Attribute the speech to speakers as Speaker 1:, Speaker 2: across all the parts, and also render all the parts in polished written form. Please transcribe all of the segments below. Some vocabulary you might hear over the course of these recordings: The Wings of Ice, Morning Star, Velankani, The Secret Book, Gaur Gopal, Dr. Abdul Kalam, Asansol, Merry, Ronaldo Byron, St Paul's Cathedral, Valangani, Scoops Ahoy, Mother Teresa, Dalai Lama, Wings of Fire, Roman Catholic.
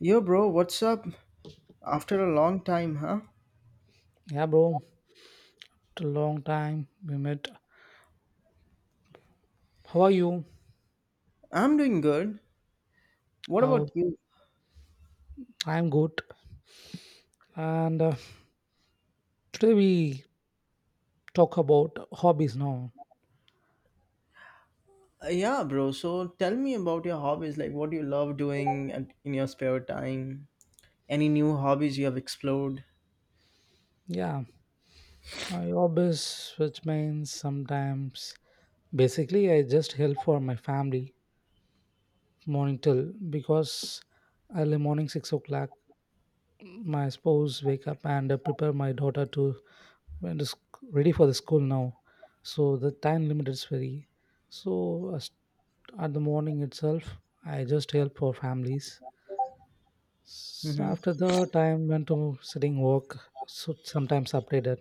Speaker 1: Yo, bro, what's up? After a long time, huh?
Speaker 2: Yeah, bro. It's a long time we met. How are you?
Speaker 1: I'm doing good. What
Speaker 2: Oh,
Speaker 1: about you?
Speaker 2: I'm good. And today we talk about hobbies now.
Speaker 1: Yeah, bro. So tell me about your hobbies. Like, what do you love doing at, in your spare time? Any new hobbies you have explored?
Speaker 2: Yeah, my hobbies, which means sometimes basically I just help for my family morning till because early morning 6 o'clock my spouse wake up and prepare my daughter to when is ready for the school now. So the time limit is very, so at the morning itself, I just help for families. So
Speaker 1: Mm-hmm.
Speaker 2: after the time went to sitting work, so sometimes updated.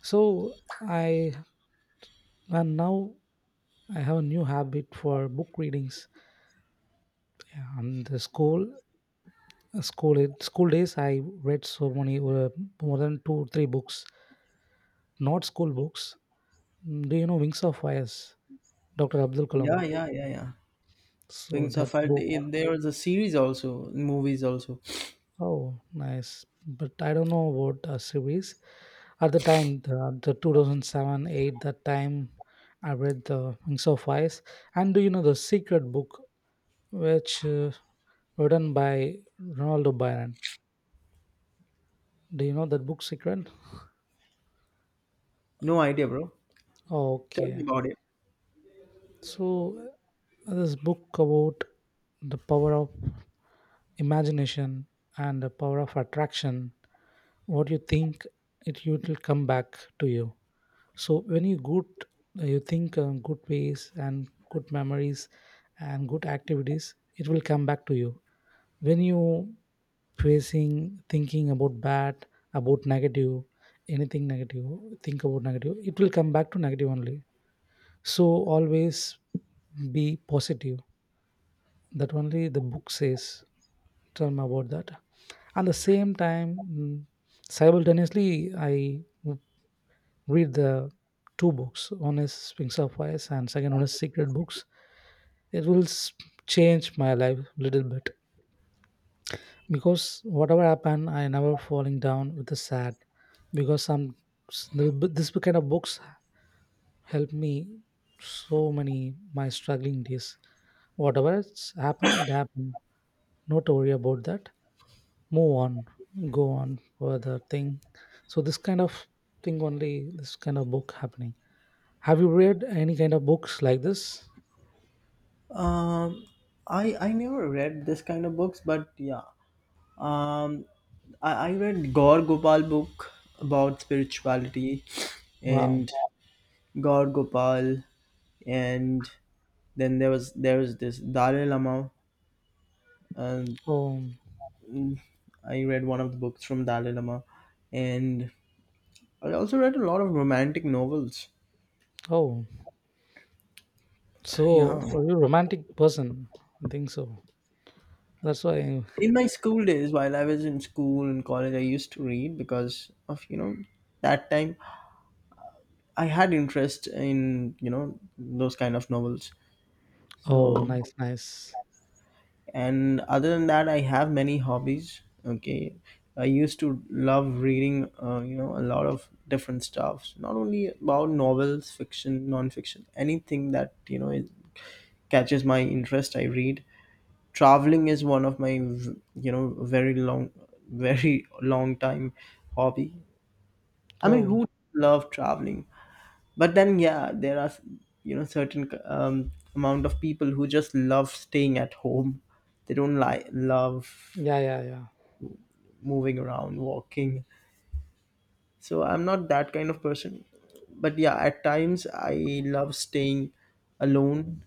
Speaker 2: So I and now I have a new habit for book readings. Yeah, and the school days I read so many more than two three books, not school books. Do you know Wings of Fires, Dr. Abdul
Speaker 1: Yeah,
Speaker 2: Kalam?
Speaker 1: yeah, yeah, yeah.
Speaker 2: So
Speaker 1: Wings of
Speaker 2: that
Speaker 1: Fire.
Speaker 2: book.
Speaker 1: There was a series also, movies also.
Speaker 2: Oh, nice. But I don't know about series. At the time, the 2007 8, that time I read The Wings of Ice. And do you know The Secret Book, which written by Ronaldo Byron? Do you know that book, Secret?
Speaker 1: No idea, bro. Tell me
Speaker 2: Okay.
Speaker 1: about it.
Speaker 2: So, this book about the power of imagination and the power of attraction. What you think, it will come back to you. So when you good, you think good ways and good memories and good activities, it will come back to you. When you facing, thinking about bad, about negative, anything negative, think about negative, it will come back to negative only. So always be positive. That only the book says. Tell me about that. And the same time, simultaneously I read the two books. One is Wings of Fire, and second one is Secret Books. It will change my life little bit because whatever happened, I never falling down with the sad because some s- the b- this kind of books help me so many my struggling days. Whatever it's happened, it happened. Not to worry about that. Move on, go on for the thing. So this kind of thing only, this kind of book happening. Have you read any kind of books like this?
Speaker 1: Um, I never read this kind of books, but yeah, Um, I read Gaur Gopal book about spirituality
Speaker 2: Wow.
Speaker 1: and Gaur Gopal, and then there was this Dalai Lama, and
Speaker 2: Oh,
Speaker 1: I read one of the books from Dalai Lama, and I also read a lot of romantic novels.
Speaker 2: oh.
Speaker 1: Yeah.
Speaker 2: So, are you a romantic person? I think so. That's why.
Speaker 1: In my school days, while I was in school and college, I used to read because of, you know, that time I had interest in, you know, those kind of novels.
Speaker 2: Oh,
Speaker 1: So
Speaker 2: nice, nice.
Speaker 1: and other than that, I have many hobbies. Okay, I used to love reading, you know, a lot of different stuff, not only about novels, fiction, non-fiction, anything that, you know, it catches my interest, I read. Traveling is one of my you know, very long very long time hobby. I mean,
Speaker 2: Oh,
Speaker 1: who love traveling? But then yeah, there are, you know, certain amount of people who just love staying at home. They don't like love
Speaker 2: yeah, yeah, yeah.
Speaker 1: moving around, walking. So I'm not that kind of person. But yeah, at times I love staying alone,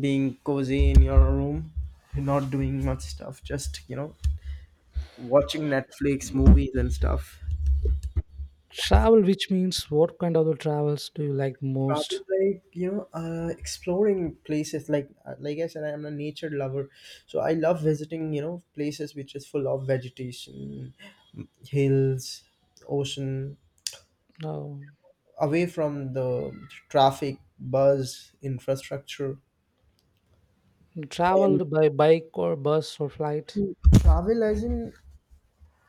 Speaker 1: being cozy in your room, not doing much stuff, just, you know, watching Netflix, movies, and stuff.
Speaker 2: Travel, which means what kind of the travels do you like
Speaker 1: Travel,
Speaker 2: most?
Speaker 1: like, you know, exploring places. Like I said, I'm a nature lover. So I love visiting, you know, places which is full of vegetation, hills, ocean,
Speaker 2: Oh,
Speaker 1: away from the traffic, buzz, infrastructure, and
Speaker 2: traveled by bike or bus or flight.
Speaker 1: to travel as in,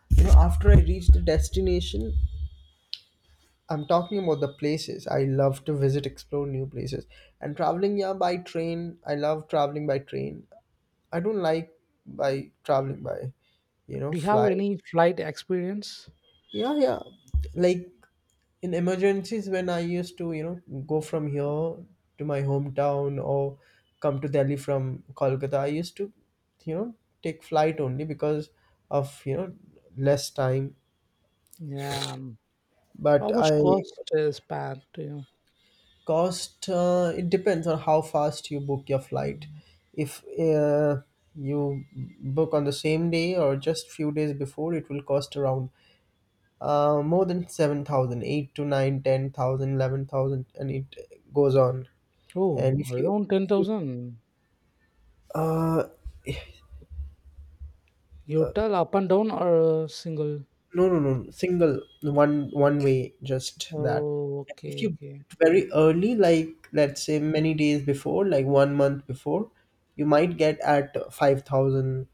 Speaker 1: you know, after I reach the destination. I'm talking about the places. I love to visit, explore new places, and traveling, yeah, by train. I love traveling by train. I don't like by traveling by, you know,
Speaker 2: Do you have
Speaker 1: flight.
Speaker 2: any flight experience?
Speaker 1: Yeah, yeah. Like in emergencies when I used to, you know, go from here to my hometown or come to Delhi from Kolkata, I used to, you know, take flight only because of, you know, less time.
Speaker 2: Yeah.
Speaker 1: But
Speaker 2: How much
Speaker 1: I
Speaker 2: cost is paid to you?
Speaker 1: cost, it depends on how fast you book your flight. If uh, you book on the same day or just few days before, it will cost around more than 7,000, 8 to 9, 10,000, 11,000, and it goes on.
Speaker 2: Oh,
Speaker 1: And if you,
Speaker 2: around
Speaker 1: if you
Speaker 2: 10,000.
Speaker 1: uh
Speaker 2: You tell up and down or single?
Speaker 1: no, no, no, single, one one way, just that.
Speaker 2: Oh,
Speaker 1: If
Speaker 2: okay,
Speaker 1: you
Speaker 2: okay.
Speaker 1: book very early, like let's say many days before, like one month before, you might get at 5,000.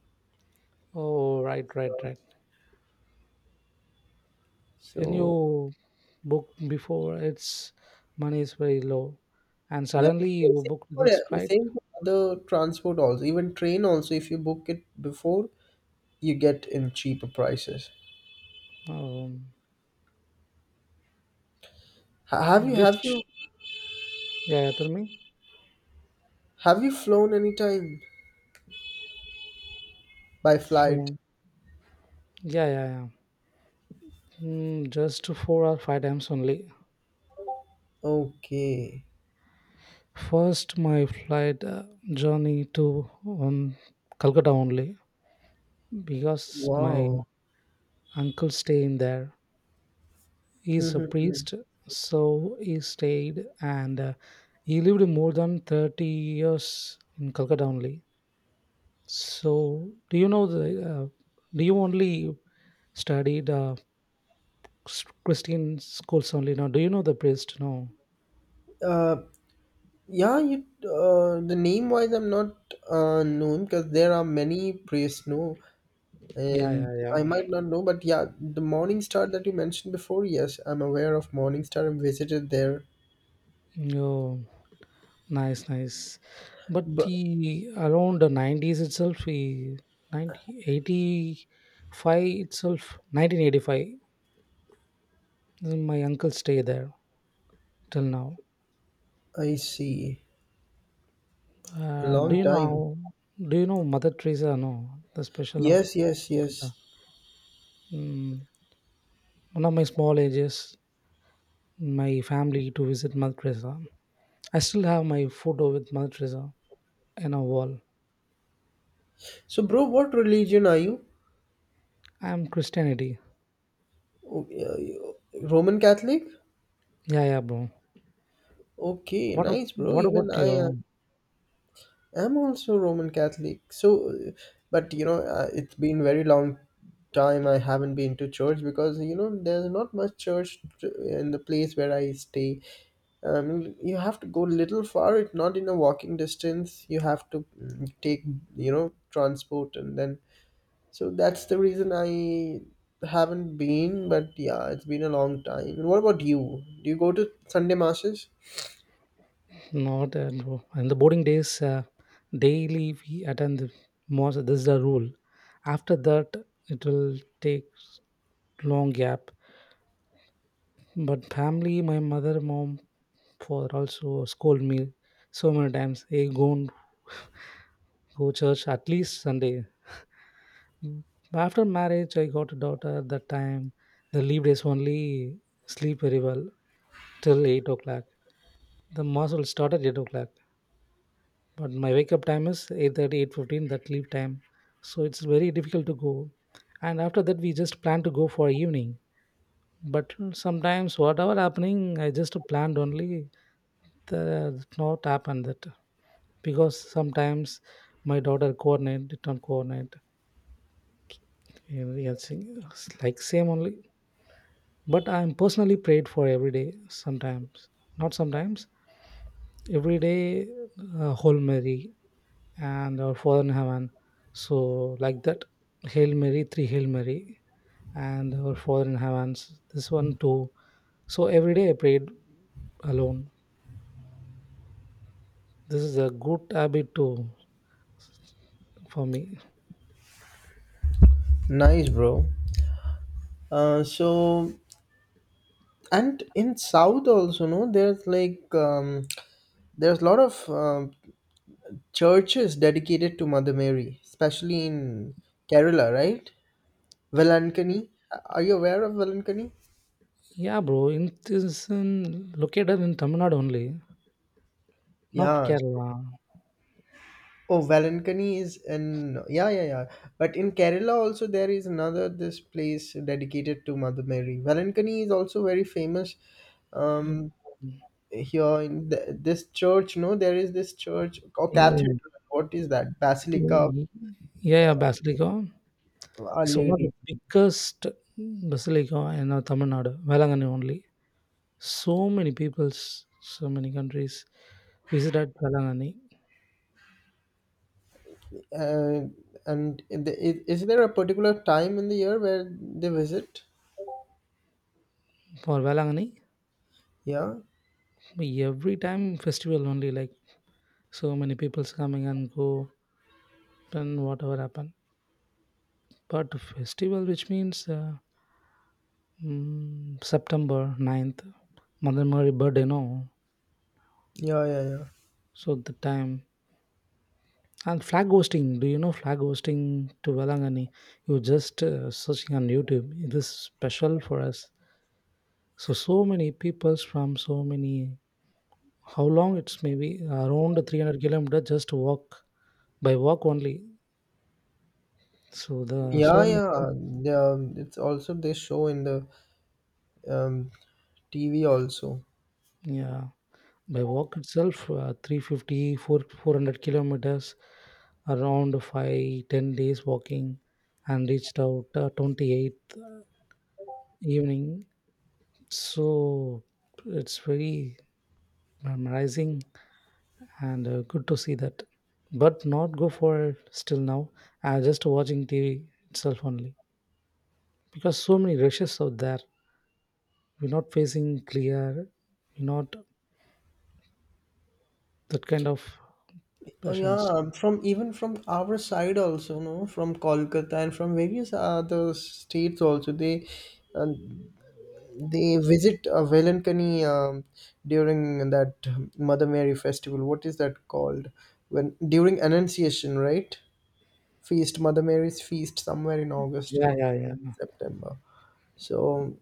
Speaker 2: Oh, right, right, right. When
Speaker 1: So
Speaker 2: you book before, it's money is very low, and
Speaker 1: yeah,
Speaker 2: suddenly
Speaker 1: same
Speaker 2: you
Speaker 1: same
Speaker 2: book
Speaker 1: for
Speaker 2: this flight.
Speaker 1: same for other transport also, even train also. If you book it before, you get in cheaper prices.
Speaker 2: Um,
Speaker 1: Ha- Have you have
Speaker 2: which
Speaker 1: you
Speaker 2: yeah, tell me.
Speaker 1: have you flown anytime by flight?
Speaker 2: So, yeah, yeah, yeah. Just four or five times only.
Speaker 1: Okay.
Speaker 2: First, my flight journey to on Calcutta only because my
Speaker 1: Wow.
Speaker 2: uncle staying there. He's a priest, so he stayed and he lived more than 30 years in Calcutta only. So, do you know the, uh, do you only studied Christian schools only? No, do you know the priest? No.
Speaker 1: Uh, yeah, you, the name wise, I'm not known because there are many priests, no,
Speaker 2: Yeah,
Speaker 1: and
Speaker 2: yeah, yeah.
Speaker 1: I might not know, but yeah, the Morning Star that you mentioned before, yes, I'm aware of Morning Star and visited there,
Speaker 2: Oh, nice, nice. But
Speaker 1: but
Speaker 2: he around the 90s itself, he 90, 85 itself, 1985, my uncle stay there till now.
Speaker 1: I see,
Speaker 2: Uh, do
Speaker 1: long
Speaker 2: you
Speaker 1: time.
Speaker 2: know do you know Mother Teresa? No, the special of
Speaker 1: Yes, yes, yes.
Speaker 2: Calcutta. Mm, one of my small ages, my family to visit Mother Teresa. I still have my photo with Mother Teresa in a wall.
Speaker 1: So, bro, what religion are you?
Speaker 2: I'm Christianity.
Speaker 1: Oh, yeah, you- Roman Catholic?
Speaker 2: Yeah, yeah, bro.
Speaker 1: Okay,
Speaker 2: What ab-
Speaker 1: nice, bro.
Speaker 2: what
Speaker 1: Even
Speaker 2: about
Speaker 1: I am.
Speaker 2: your
Speaker 1: I'm also Roman Catholic. So, but you know, it's been very long time I haven't been to church because you know there's not much church in the place where I stay. You have to go little far. It's not in a walking distance. You have to take, you know, transport and then. So that's the reason I haven't been. But yeah, it's been a long time. And what about you? Do you go to Sunday masses?
Speaker 2: not, bro. In the boarding days? Daily we attend the mosque. This is the rule. After that, it will take long gap. But family, my mother, mom, for also scold me so many times. Hey, go and go church at least Sunday. Mm. But after marriage, I got a daughter at that time. The leave days only sleep very well till 8 o'clock. The mass will start at 8 o'clock, but my wake up time is 8:30, 8:15. That leave time, so it's very difficult to go. And after that, we just plan to go for evening. But sometimes, whatever happening, I just planned only the not happened that. Because sometimes my daughter coordinate, do not coordinate, and we are like same only. But I'm personally prayed for every day. Sometimes not, sometimes every day, whole Mary and our Father in Heaven. So like that, hail Mary, three hail Mary, and our Father in Heavens. This one too. So every day I prayed alone. This is a good habit too for me.
Speaker 1: Nice, bro. So and in south also no there's like, there's a lot of churches dedicated to Mother Mary, especially in Kerala, right? Velankani, are you aware of Velankani?
Speaker 2: Yeah bro, in this in located in Tamil Nadu only. Not
Speaker 1: Yeah,
Speaker 2: Kerala.
Speaker 1: oh, Velankani is in, yeah, yeah, yeah, but in Kerala also there is another this place dedicated to Mother Mary. Velankani is also very famous. Um, here in the, this church, no, there is this church or
Speaker 2: Yeah,
Speaker 1: cathedral, what is that, basilica of
Speaker 2: mm, yeah, yeah, basilica.
Speaker 1: a
Speaker 2: It's one of the
Speaker 1: lady.
Speaker 2: biggest basilica in Tamil Nadu, Velangani only. So many peoples, so many countries visited Velangani
Speaker 1: Uh, and in the- is there a particular time in the year where they visit?
Speaker 2: for Velangani.
Speaker 1: Yeah,
Speaker 2: Every time festival only, like so many peoples coming and go, then whatever happen. But festival, which means September 9th, Mother Mary birthday, no.
Speaker 1: yeah, yeah, yeah,
Speaker 2: So the time, and flag hosting, do you know flag hosting to Valangani? You just searching on YouTube. It is special for us. So so many peoples from so many. How long it's, maybe around 300-kilometer just to walk, by walk only. So the
Speaker 1: yeah,
Speaker 2: so mu-
Speaker 1: yeah. They, it's also they show in the um, TV also.
Speaker 2: yeah, by walk itself 350 400 kilometers, around 5 10 days walking, and reached out 28th evening, so it's very mesmerizing and good to see that. But not go for it still now, just watching TV itself only. Because so many rushes out there, we're not facing clear, we're not that kind of
Speaker 1: Oh yeah,
Speaker 2: patience.
Speaker 1: From even from our side also, no, from Kolkata and from various other states also, they, uh, they visit, Velankani, during that Mother Mary festival. What is that called? When during Annunciation, right? Feast, Mother Mary's feast, somewhere in August
Speaker 2: Yeah,
Speaker 1: or
Speaker 2: yeah, yeah.
Speaker 1: September. So,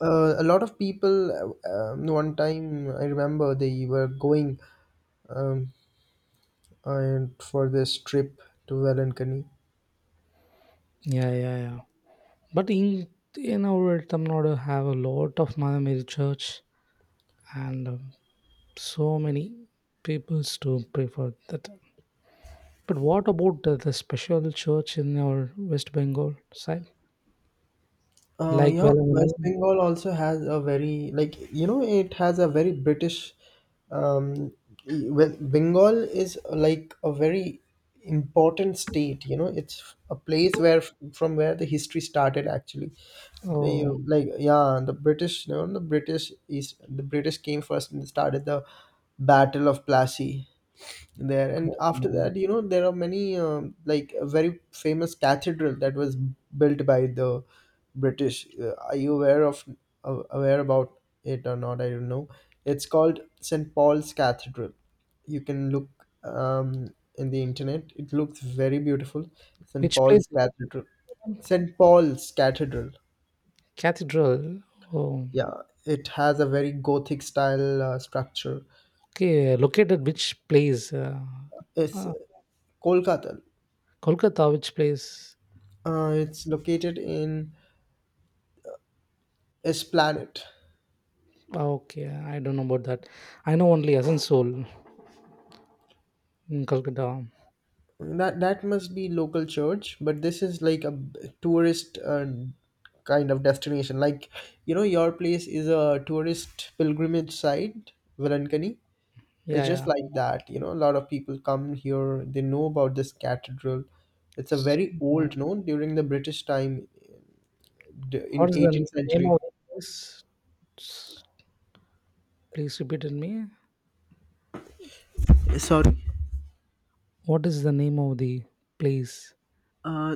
Speaker 1: a lot of people. One time I remember they were going, um, and for this trip to Valencany.
Speaker 2: Yeah, yeah, yeah. But in our Tamil Nadu have a lot of Mother Mary Church, and so many peoples to pray for that. But what about the special church in our West Bengal side, like
Speaker 1: Yeah, West
Speaker 2: Velamani?
Speaker 1: Bengal also has a very, like you know, it has a very British. Um, well, Bengal is like a very important state. You know, it's a place where from where the history started actually. The, you
Speaker 2: Oh,
Speaker 1: know, like yeah, the British. You know, the British is the British came first and started the Battle of Plassey there, and after
Speaker 2: um,
Speaker 1: that, you know, there are many, like a very famous cathedral that was built by the British. Are you aware of, aware about it or not, I don't know, it's called St Paul's Cathedral. You can look, um, in the internet, it looks very beautiful. St
Speaker 2: which place?
Speaker 1: Paul's Cathedral. St Paul's Cathedral.
Speaker 2: Cathedral. Oh,
Speaker 1: Yeah, it has a very gothic style, structure.
Speaker 2: okay. Located which place?
Speaker 1: It's
Speaker 2: Uh,
Speaker 1: Kolkata.
Speaker 2: Kolkata, which place?
Speaker 1: It's located in is Planet.
Speaker 2: Ah, okay, I don't know about that. I know only Asansol in Kolkata.
Speaker 1: That that must be local church, but this is like a tourist, kind of destination. Like, you know, your place is a tourist pilgrimage site, Velankani. It's
Speaker 2: Yeah,
Speaker 1: just
Speaker 2: yeah.
Speaker 1: like that. You know, a lot of people come here. They know about this cathedral. It's a very
Speaker 2: Mm,
Speaker 1: old, no, during the British time in
Speaker 2: What is the
Speaker 1: 18th
Speaker 2: name
Speaker 1: century.
Speaker 2: of the place? S- Please repeat it me.
Speaker 1: Sorry.
Speaker 2: What is the name of the place
Speaker 1: Uh,